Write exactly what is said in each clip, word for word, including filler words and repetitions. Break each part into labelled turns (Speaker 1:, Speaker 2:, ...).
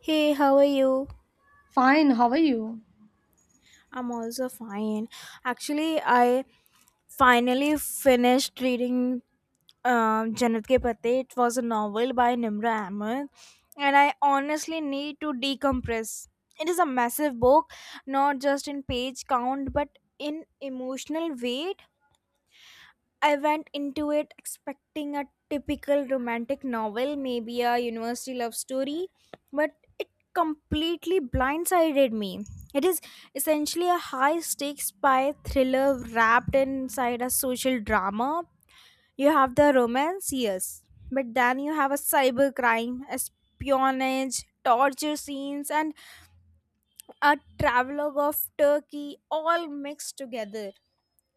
Speaker 1: Hey, how are you?
Speaker 2: Fine, how are you?
Speaker 1: I'm also fine. Actually, I finally finished reading um, Jannat Ke Pate. It was a novel by Nimra Ahmed, and I honestly need to decompress. It is a massive book, not just in page count, but in emotional weight. I went into it expecting a typical romantic novel, maybe a university love story, but it completely blindsided me. It is essentially a high stakes spy thriller wrapped inside a social drama. You have the romance, yes, but then you have a cybercrime, espionage, torture scenes, and a travelogue of Turkey all mixed together.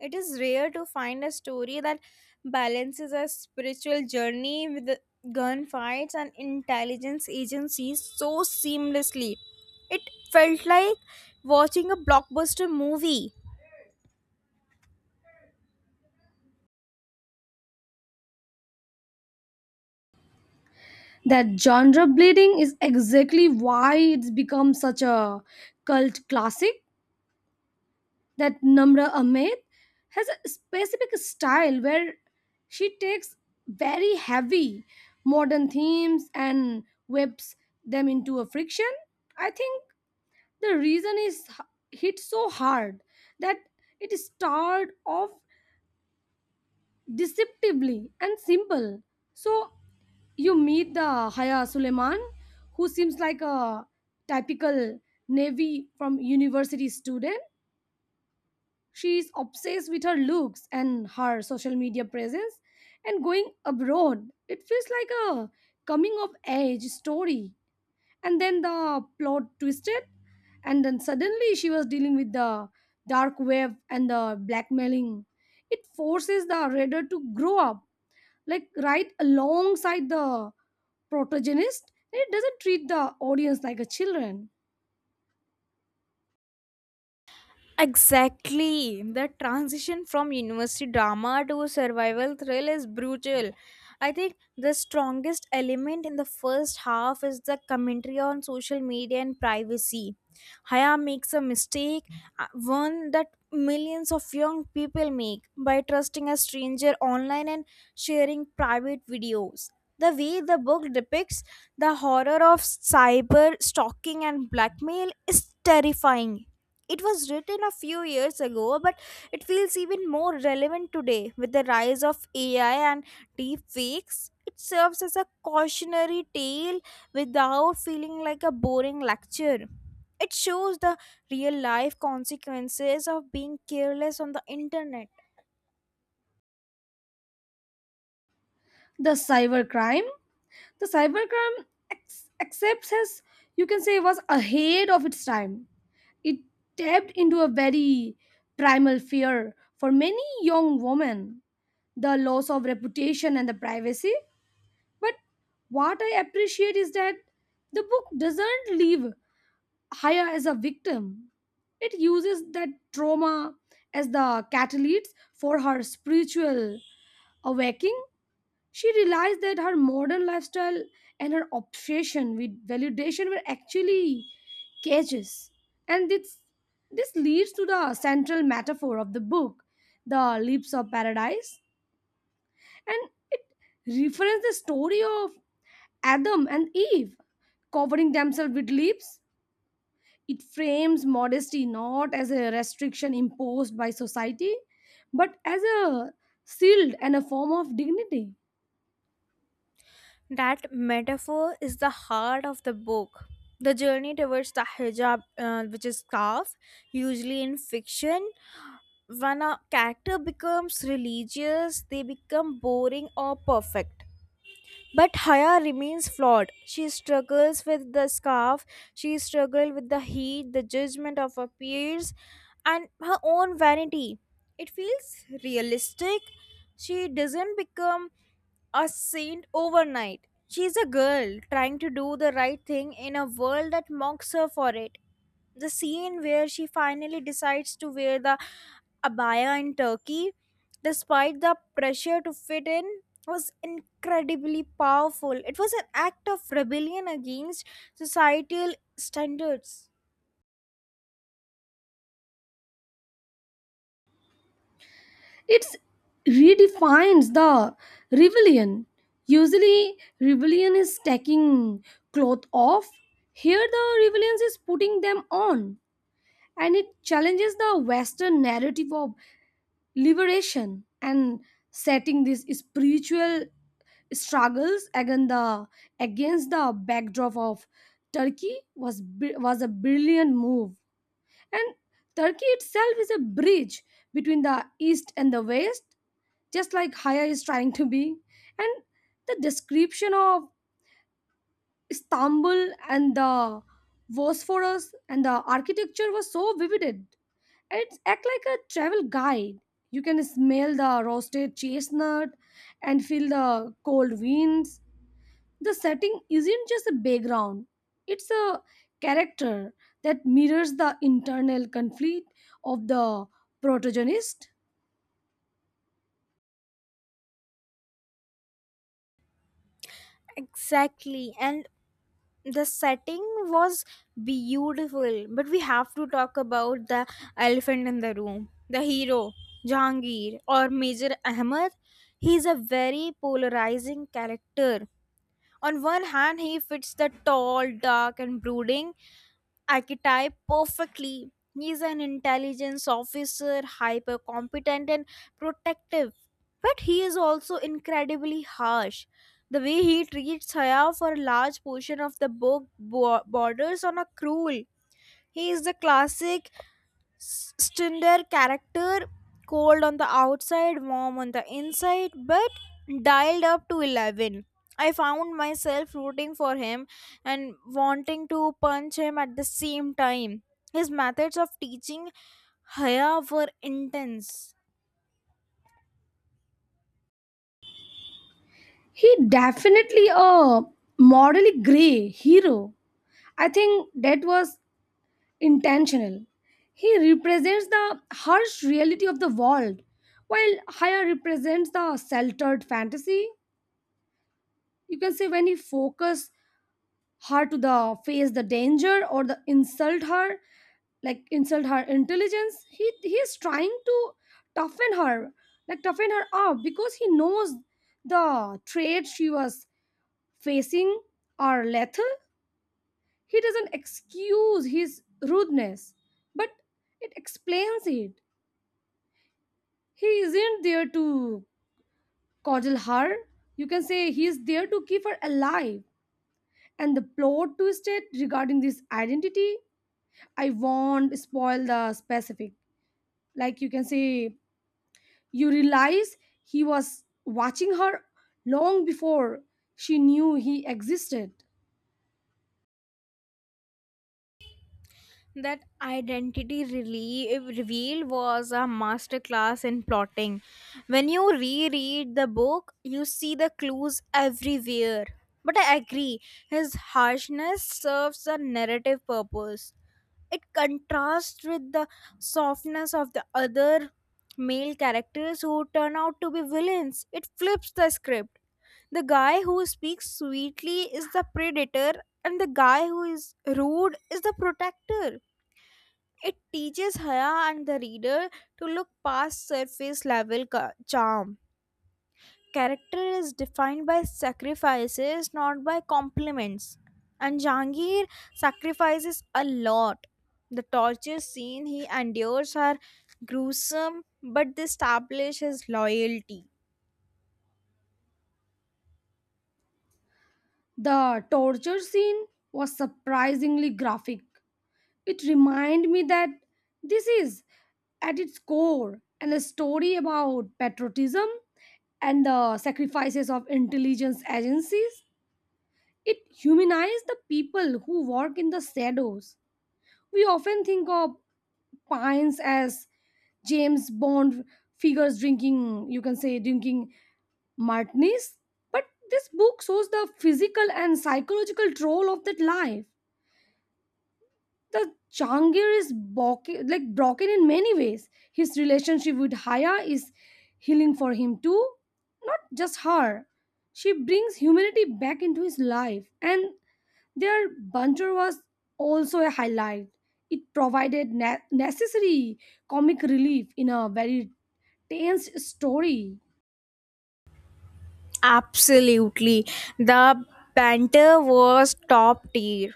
Speaker 1: It is rare to find a story that balances a spiritual journey with the gunfights and intelligence agencies so seamlessly. It felt like watching a blockbuster movie.
Speaker 2: That genre bleeding is exactly why it's become such a cult classic. That Namra Ahmed has a specific style where she takes very heavy modern themes and whips them into a friction. I think the reason is h- hit so hard that it started off deceptively and simple. So you meet the Haya Suleiman, who seems like a typical Navy from university student. She is obsessed with her looks and her social media presence and going abroad. It feels like a coming of age story. And then the plot twisted, and then suddenly she was dealing with the dark web and the blackmailing. It forces the reader to grow up like right alongside the protagonist. It doesn't treat the audience like a children.
Speaker 1: Exactly. The transition from university drama to survival thrill is brutal. I think the strongest element in the first half is the commentary on social media and privacy. Haya makes a mistake, uh, one that millions of young people make by trusting a stranger online and sharing private videos. The way the book depicts the horror of cyber stalking and blackmail is terrifying. It was written a few years ago, but it feels even more relevant today with the rise of A I and deep fakes. It serves as a cautionary tale without feeling like a boring lecture. It shows the real life consequences of being careless on the internet.
Speaker 2: The cybercrime the cybercrime ex- accepts as you can say was ahead of its time. It tapped into a very primal fear for many young women, the loss of reputation and the privacy. But what I appreciate is that the book doesn't leave Haya as a victim. It uses that trauma as the catalyst for her spiritual awakening. She realized that her modern lifestyle and her obsession with validation were actually cages. And this, this leads to the central metaphor of the book, the leaps of paradise. And it references the story of Adam and Eve covering themselves with leaves. It frames modesty not as a restriction imposed by society, but as a shield and a form of dignity.
Speaker 1: That metaphor is the heart of the book. The journey towards the hijab, uh, which is scarf, usually in fiction, when a character becomes religious, they become boring or perfect. But Haya remains flawed. She struggles with the scarf, she struggles with the heat, the judgment of her peers, and her own vanity. It feels realistic. She doesn't become a saint overnight. She's a girl trying to do the right thing in a world that mocks her for it. The scene where she finally decides to wear the abaya in Turkey, despite the pressure to fit in, was incredibly powerful. It was an act of rebellion against societal standards.
Speaker 2: It redefines the rebellion. Usually, rebellion is taking clothes off. Here, the rebellion is putting them on, and it challenges the Western narrative of liberation, and setting these spiritual struggles against the against the backdrop of Turkey was br- was a brilliant move. And Turkey itself is a bridge between the east and the west, just like Haya is trying to be. And the description of Istanbul and the Bosphorus and the architecture was so vivid, it's act like a travel guide. You can smell the roasted chestnut and feel the cold winds. The setting isn't just a background, it's a character that mirrors the internal conflict of the protagonist.
Speaker 1: Exactly. And the setting was beautiful. But we have to talk about the elephant in the room, the hero, Jahangir, or Major Ahmed. He is a very polarizing character. On one hand, he fits the tall, dark, and brooding archetype perfectly. He's an intelligence officer, hyper competent and protective, but he is also incredibly harsh. The way he treats Haya for a large portion of the book bo- borders on a cruel. He is the classic Stinder character, cold on the outside, warm on the inside, but dialed up to eleven. I found myself rooting for him and wanting to punch him at the same time. His methods of teaching Haya were intense.
Speaker 2: He definitely a morally gray hero. I think that was intentional. He represents the harsh reality of the world, while Haya represents the sheltered fantasy. You can say when he focus her to the face the danger or the insult her, like insult her intelligence, he he is trying to toughen her, like toughen her up because he knows the traits she was facing are lethal. He doesn't excuse his rudeness, but it explains it. He isn't there to coddle her. You can say he is there to keep her alive. And the plot twisted regarding this identity, I won't spoil the specific. Like you can say, you realize he was watching her long before she knew he existed.
Speaker 1: That identity relief, reveal was a masterclass in plotting. When you reread the book, you see the clues everywhere. But I agree, his harshness serves a narrative purpose. It contrasts with the softness of the other male characters who turn out to be villains. It flips the script. The guy who speaks sweetly is the predator, and the guy who is rude is the protector. It teaches Haya and the reader to look past surface level ca- charm. Character is defined by sacrifices, not by compliments. And Jangir sacrifices a lot. The torture scene he endures are gruesome, but they establish his loyalty.
Speaker 2: The torture scene was surprisingly graphic. It reminded me that this is, at its core, and a story about patriotism and the sacrifices of intelligence agencies. It humanized the people who work in the shadows. We often think of Pines as James Bond figures drinking, you can say, drinking martinis. But this book shows the physical and psychological toll of that life. The Jahangir is broken, like broken in many ways. His relationship with Haya is healing for him too, not just her. She brings humanity back into his life, and their banter was also a highlight. It provided ne- necessary comic relief in a very tense story.
Speaker 1: Absolutely. The banter was top tier.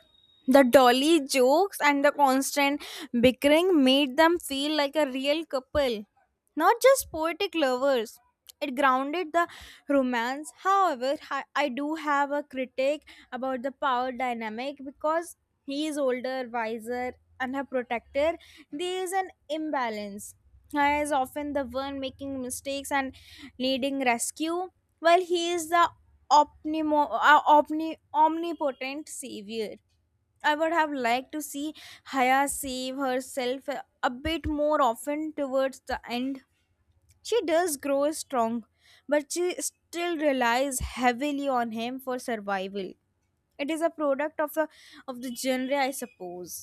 Speaker 1: The dolly jokes and the constant bickering made them feel like a real couple, not just poetic lovers. It grounded the romance. However, I I do have a critique about the power dynamic because he is older, wiser, and her protector. There is an imbalance. He is often the one making mistakes and needing rescue. Well, he is the omnimo- uh, omni- omnipotent savior. I would have liked to see Haya save herself a a bit more often towards the end. She does grow strong, but she still relies heavily on him for survival. It is a product of the of the genre, I suppose.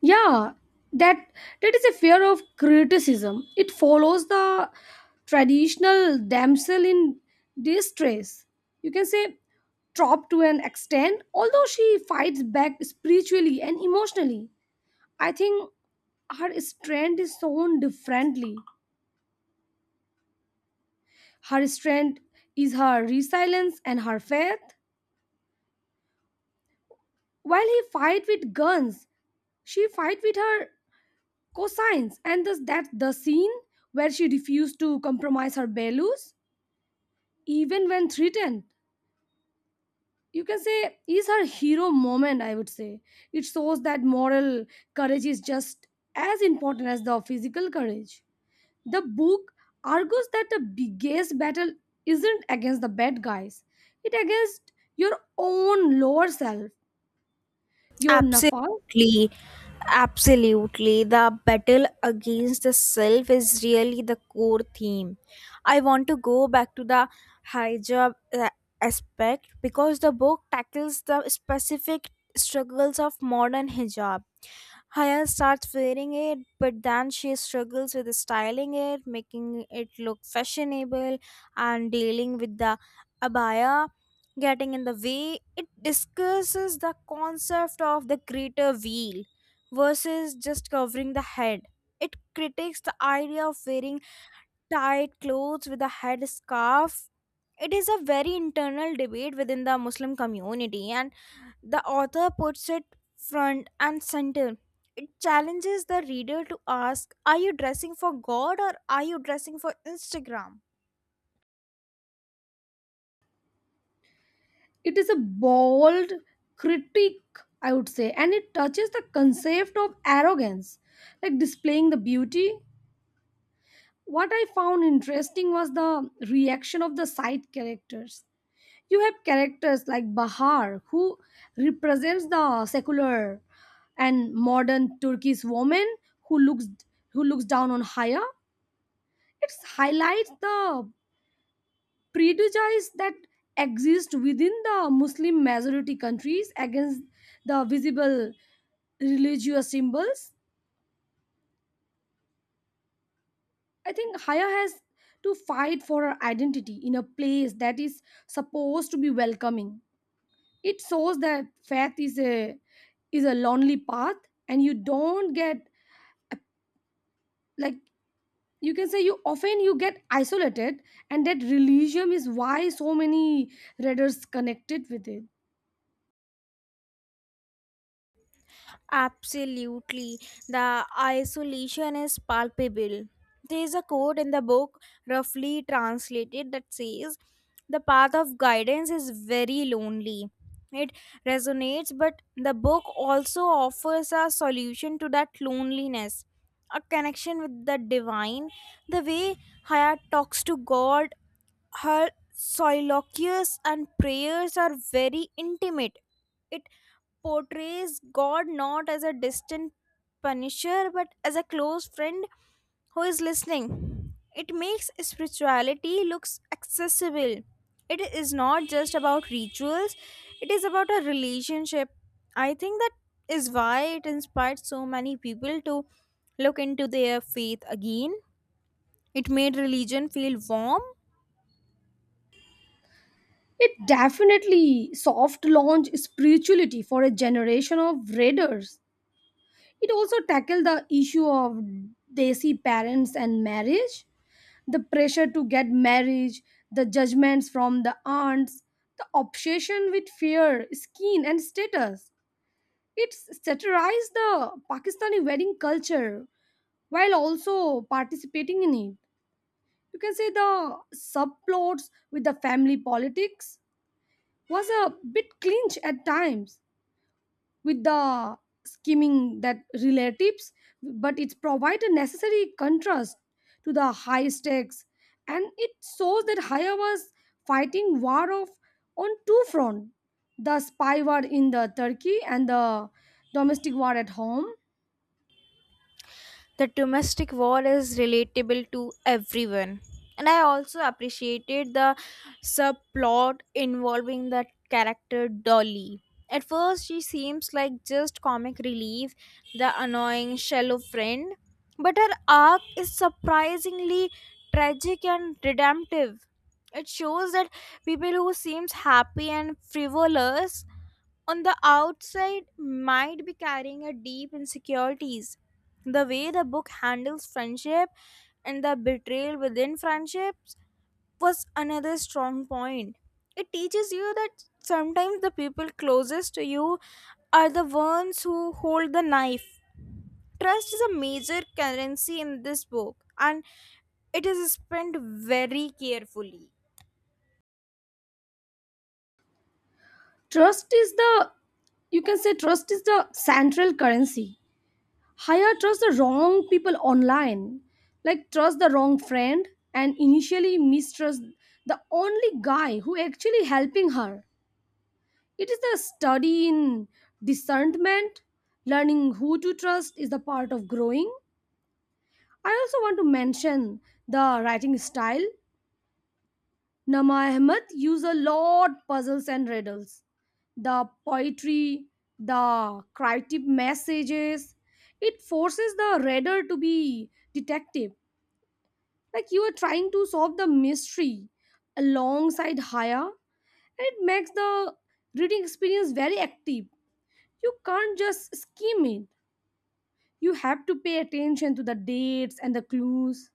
Speaker 2: Yeah, that that is a fear of criticism. It follows the traditional damsel in distress. You can say trope to an extent, although she fights back spiritually and emotionally. I think her strength is shown differently. Her strength is her resilience and her faith. While he fight with guns, she fight with her Cosines, and thus that the scene where she refused to compromise her values even when threatened, you can say is her hero moment, I would say. It shows that moral courage is just as important as the physical courage. The book argues that the biggest battle isn't against the bad guys, it against your own lower self, your nafas.
Speaker 1: Absolutely, absolutely. The battle against the self is really the core theme. I want to go back to the hijab uh, aspect because the book tackles the specific struggles of modern hijab. Haya starts wearing it, but then she struggles with styling it, making it look fashionable, and dealing with the abaya getting in the way. It discusses the concept of the greater wheel versus just covering the head. It critiques the idea of wearing tight clothes with a head scarf. It is a very internal debate within the Muslim community, and the author puts it front and center. It challenges the reader to ask, are you dressing for God or are you dressing for Instagram?
Speaker 2: It is a bold critique, I would say, and it touches the concept of arrogance, like displaying the beauty. What I found interesting was the reaction of the side characters. You have characters like Bahar, who represents the secular and modern Turkish woman, who looks who looks down on Haya. It highlights the prejudice that exist within the Muslim majority countries against the visible religious symbols. I think Haya has to fight for her identity in a place that is supposed to be welcoming. It shows that faith is a is a lonely path, and you don't get, like you can say, you often you get isolated. And that religion is why so many readers connected with it.
Speaker 1: Absolutely. The isolation is palpable. There is a quote in the book, roughly translated, that says, the path of guidance is very lonely. It resonates, but the book also offers a solution to that loneliness, a connection with the divine. The way Haya talks to God, her soliloquies and prayers are very intimate. It portrays God not as a distant punisher but as a close friend who is listening. It makes spirituality looks accessible. It is not just about rituals, it is about a relationship. I think that is why it inspired so many people to look into their faith again. It made religion feel warm.
Speaker 2: It definitely soft launch spirituality for a generation of readers. It also tackled the issue of desi parents and marriage, the pressure to get married, the judgments from the aunts, the obsession with fear, skin, and status. It satirized the Pakistani wedding culture while also participating in it. You can say the subplots with the family politics was a bit clinch at times, with the skimming that relatives, but it provides a necessary contrast to the high stakes. And it shows that Haya was fighting war of on two fronts: the spy war in the Turkey and the domestic war at home.
Speaker 1: The domestic war is relatable to everyone. And I also appreciated the subplot involving the character Dolly. At first, she seems like just comic relief, the annoying, shallow friend. But her arc is surprisingly tragic and redemptive. It shows that people who seems happy and frivolous on the outside might be carrying a deep insecurities. The way the book handles friendship and the betrayal within friendships was another strong point. It teaches you that sometimes the people closest to you are the ones who hold the knife. Trust is a major currency in this book and it is spent very carefully.
Speaker 2: Trust is the, you can say, trust is the central currency. Higher trust the wrong people online, like trust the wrong friend, and initially mistrust the only guy who actually helping her. It is the study in discernment, learning who to trust is the part of growing. I also want to mention the writing style. Nama Ahmed use a lot puzzles and riddles. The poetry, the creative messages, it forces the reader to be detective, like you are trying to solve the mystery alongside Haya. And it makes the reading experience very active. You can't just skim it, you have to pay attention to the dates and the clues.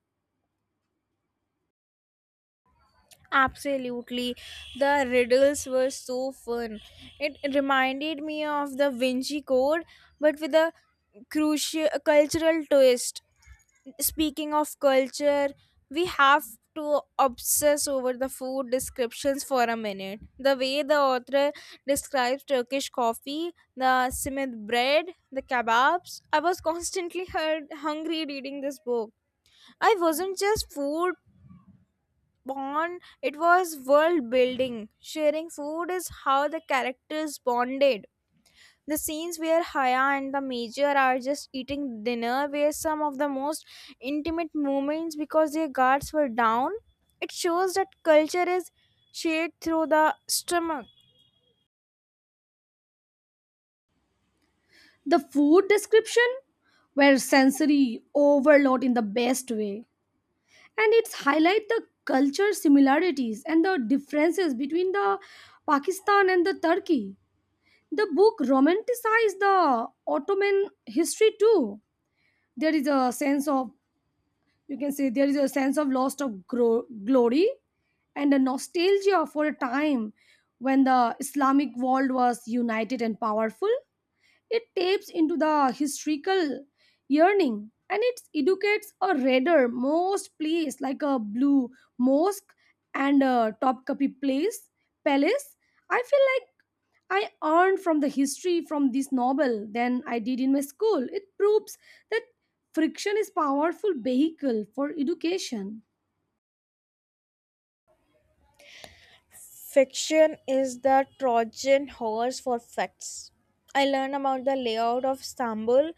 Speaker 1: Absolutely. The riddles were so fun. It reminded me of the Vinci Code, but with a crucial cultural twist. Speaking of culture, we have to obsess over the food descriptions for a minute. The way the author describes Turkish coffee, the simit bread, the kebabs, I was constantly hur- hungry reading this book. I wasn't just food bond, it was world building. Sharing food is how the characters bonded. The scenes where Haya and the Major are just eating dinner were some of the most intimate moments because their guards were down. It shows that culture is shared through the stomach.
Speaker 2: The food description were sensory overload in the best way, and it's highlight the culture similarities and the differences between the Pakistan and the Turkey. The book romanticized the Ottoman history too. There is a sense of, you can say, there is a sense of loss of gro- glory and a nostalgia for a time when the Islamic world was united and powerful. It taps into the historical yearning, and it educates a reader most place like a Blue Mosque and a Topkapi place palace. I feel like I earned from the history from this novel than I did in my school. It proves that friction is powerful vehicle for education.
Speaker 1: Fiction is the Trojan horse for facts. I learned about the layout of Istanbul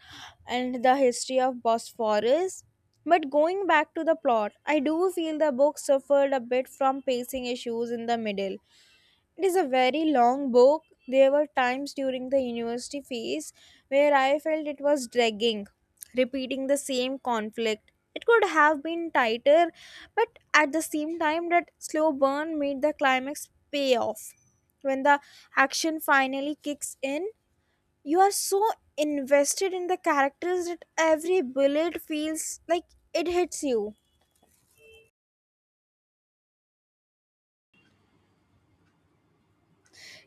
Speaker 1: and the history of Bosphorus. But going back to the plot, I do feel the book suffered a bit from pacing issues in the middle. It is a very long book. There were times during the university phase where I felt it was dragging, repeating the same conflict. It could have been tighter, but at the same time, that slow burn made the climax pay off. When the action finally kicks in, you are so invested in the characters that every bullet feels like it hits you.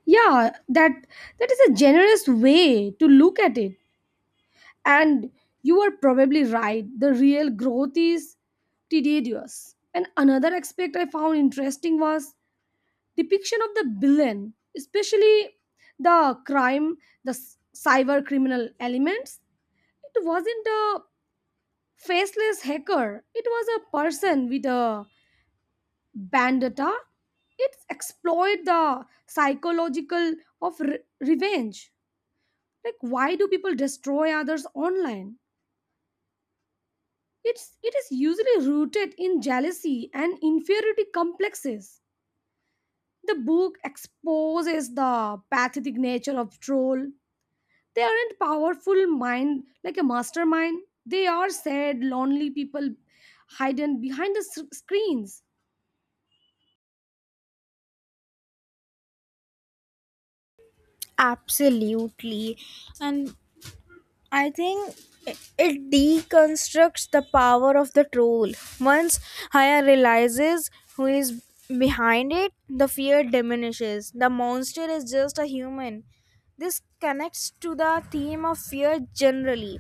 Speaker 2: Yeah, that that is a generous way to look at it. And you are probably right. The real growth is tedious. And another aspect I found interesting was depiction of the villain, especially the crime, the s- cyber criminal elements. It wasn't a faceless hacker. It was a person with a vendetta. It exploit the psychological of re- revenge. Like why do people destroy others online? It's it is usually rooted in jealousy and inferiority complexes. The book exposes the pathetic nature of troll. They aren't powerful mind like a mastermind. They are sad, lonely people hidden behind the s- screens.
Speaker 1: Absolutely. And I think i- it deconstructs the power of the troll. Once Haya realizes who is behind it, the fear diminishes. The monster is just a human. This connects to the theme of fear generally.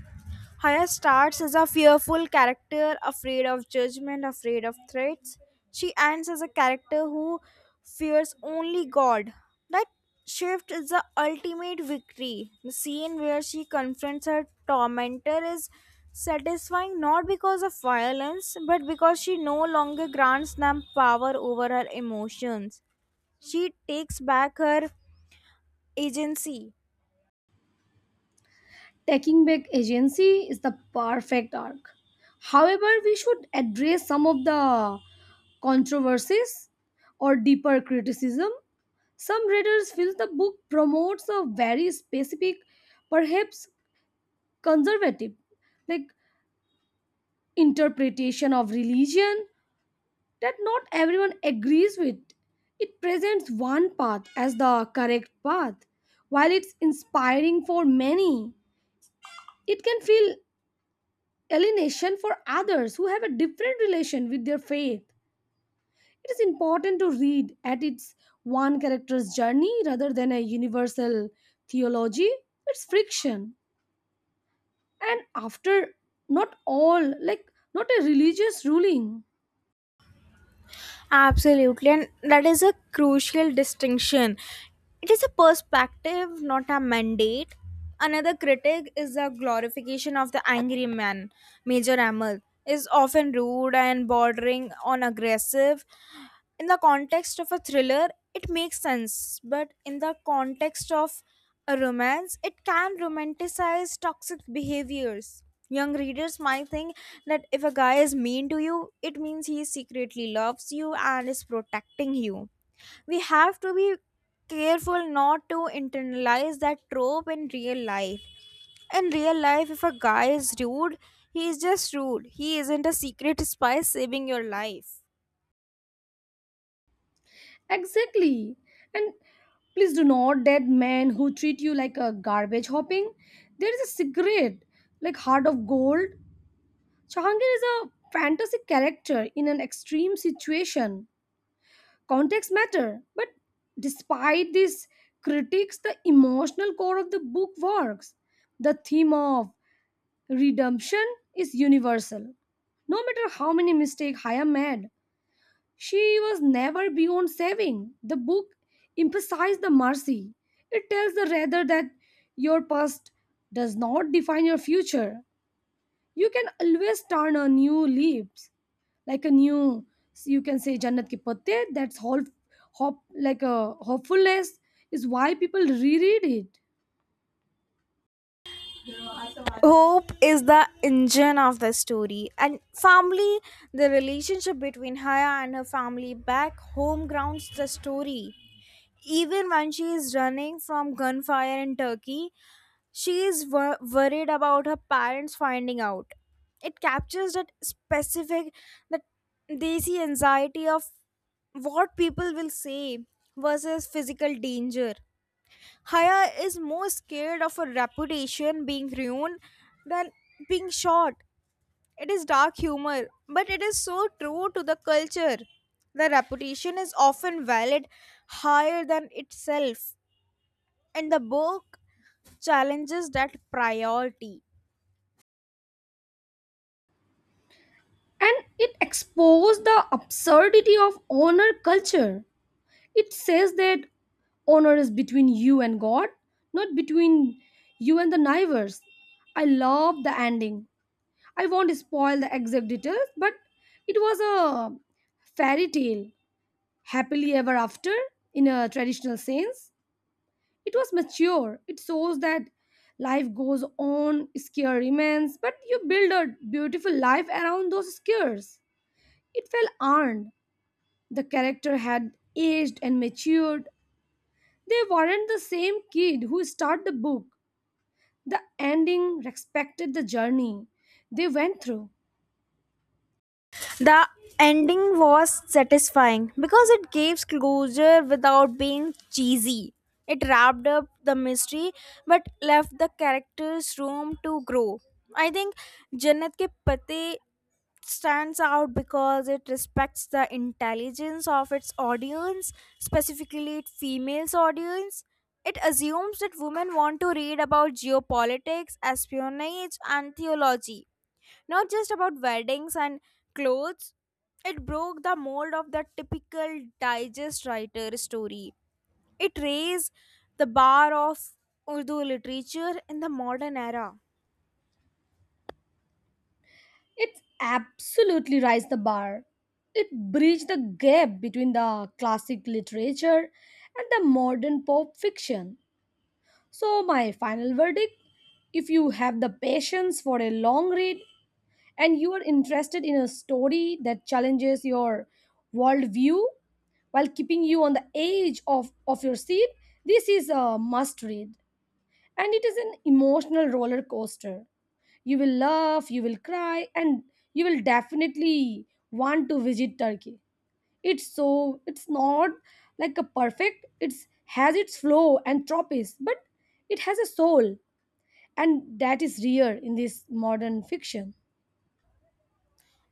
Speaker 1: Haya starts as a fearful character, afraid of judgment, afraid of threats. She ends as a character who fears only God. That shift is the ultimate victory. The scene where she confronts her tormentor is satisfying not because of violence, but because she no longer grants them power over her emotions. She takes back her agency.
Speaker 2: Taking back agency is the perfect arc. However, we should address some of the controversies or deeper criticism. Some readers feel the book promotes a very specific, perhaps conservative, like interpretation of religion that not everyone agrees with. It presents one path as the correct path, while it's inspiring for many. It can feel alienation for others who have a different relation with their faith. It is important to read at its one character's journey rather than a universal theology. It's friction. And after not all, like not a religious ruling.
Speaker 1: Absolutely, and that is a crucial distinction. It is a perspective, not a mandate. Another critic is the glorification of the angry man, Major Amal, is often rude and bordering on aggressive. In the context of a thriller, it makes sense, but in the context of a romance, it can romanticize toxic behaviors. Young readers might think that if a guy is mean to you, it means he secretly loves you and is protecting you. We have to be careful not to internalize that trope in real life. In real life, if a guy is rude, he is just rude. He isn't a secret spy saving your life.
Speaker 2: Exactly. And please do not that men who treat you like a garbage hopping. There is a secret, like heart of gold. Jahangir is a fantasy character in an extreme situation. Context matter, but despite these critics, the emotional core of the book works. The theme of redemption is universal. No matter how many mistakes Haya made, she was never beyond saving. The book emphasizes the mercy. It tells the reader that your past does not define your future. You can always turn a new leaf, like a new, you can say, jannat ki patte. That's hope, hope, like a hopefulness, is why people reread it.
Speaker 1: Hope is the engine of the story, and family, the relationship between Haya and her family back home grounds the story. Even when she is running from gunfire in Turkey, she is wor- worried about her parents finding out. It captures that specific, that desi anxiety of what people will say versus physical danger. Haya is more scared of her reputation being ruined than being shot. It is dark humor, but it is so true to the culture. The reputation is often valued higher than itself, and the book challenges that priority.
Speaker 2: And it exposed the absurdity of honor culture. It says that honor is between you and God, not between you and the neighbors. I love the ending. I won't spoil the exact details, but it was a fairy tale happily ever after in a traditional sense. It was mature. It shows that life goes on, scare remains, but you build a beautiful life around those scares. It felt earned. The character had aged and matured. They weren't the same kid who started the book. The ending respected the journey they went through.
Speaker 1: The ending was satisfying because it gave closure without being cheesy. It wrapped up the mystery but left the characters room to grow. I think Jannat Ke Pate stands out because it respects the intelligence of its audience, specifically its female's audience. It assumes that women want to read about geopolitics, espionage, and theology, not just about weddings and clothes. It broke the mold of the typical digest writer story. It raised the bar of Urdu literature in the modern era.
Speaker 2: It absolutely raised the bar. It bridged the gap between the classic literature and the modern pop fiction. So, my final verdict, if you have the patience for a long read and you are interested in a story that challenges your worldview while keeping you on the edge of, of your seat, this is a must read. And it is an emotional roller coaster. You will laugh, you will cry, and you will definitely want to visit Turkey. It's so, it's not like a perfect, it's has its flow and tropes, but it has a soul, and that is rare in this modern fiction.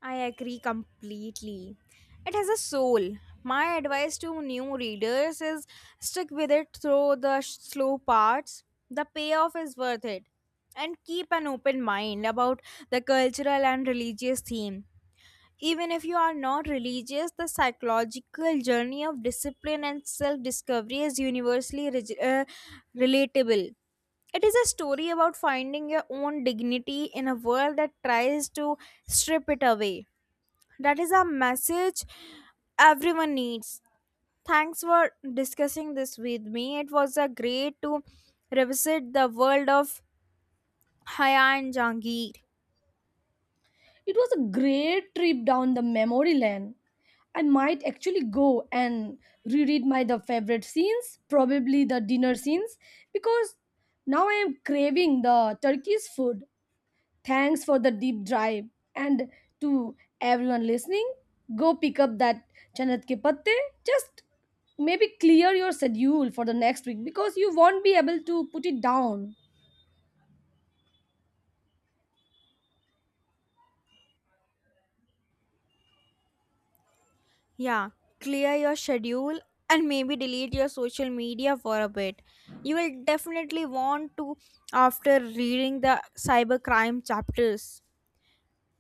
Speaker 1: I agree completely. It has a soul. My advice to new readers is stick with it through the sh- slow parts. The payoff is worth it. And keep an open mind about the cultural and religious theme. Even if you are not religious, the psychological journey of discipline and self discovery is universally reg- uh, relatable. It is a story about finding your own dignity in a world that tries to strip it away. That is a message everyone needs. Thanks for discussing this with me. It was a great to revisit the world of Haya and Jangir.
Speaker 2: It was a great trip down the memory lane. I might actually go and reread my the favorite scenes, probably the dinner scenes, because now I am craving the Turkish food. Thanks for the deep drive, and to everyone listening, go pick up that Janat ke patte. Just maybe clear your schedule for the next week because you won't be able to put it down.
Speaker 1: Yeah, clear your schedule and maybe delete your social media for a bit. You will definitely want to after reading the cybercrime chapters.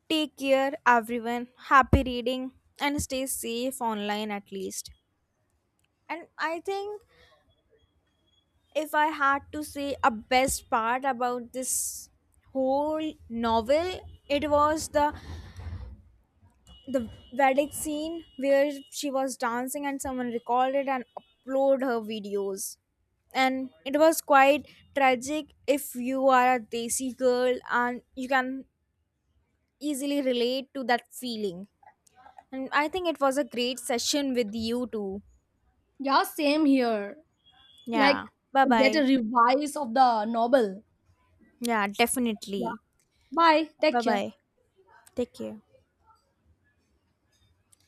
Speaker 1: Take care, everyone. Happy reading and stay safe online at least. And I think if I had to say a best part about this whole novel, it was the the wedding scene where she was dancing and someone recorded it and uploaded her videos, and it was quite tragic. If you are a desi girl and you can easily relate to that feeling. And I think it was a great session with you too.
Speaker 2: Yeah, same here.
Speaker 1: Yeah,
Speaker 2: Like,
Speaker 1: bye
Speaker 2: get a
Speaker 1: bye.
Speaker 2: revise of the novel.
Speaker 1: Yeah,
Speaker 2: Yeah,
Speaker 1: definitely.
Speaker 2: bye, take
Speaker 1: Bye
Speaker 2: care.
Speaker 1: bye, take care.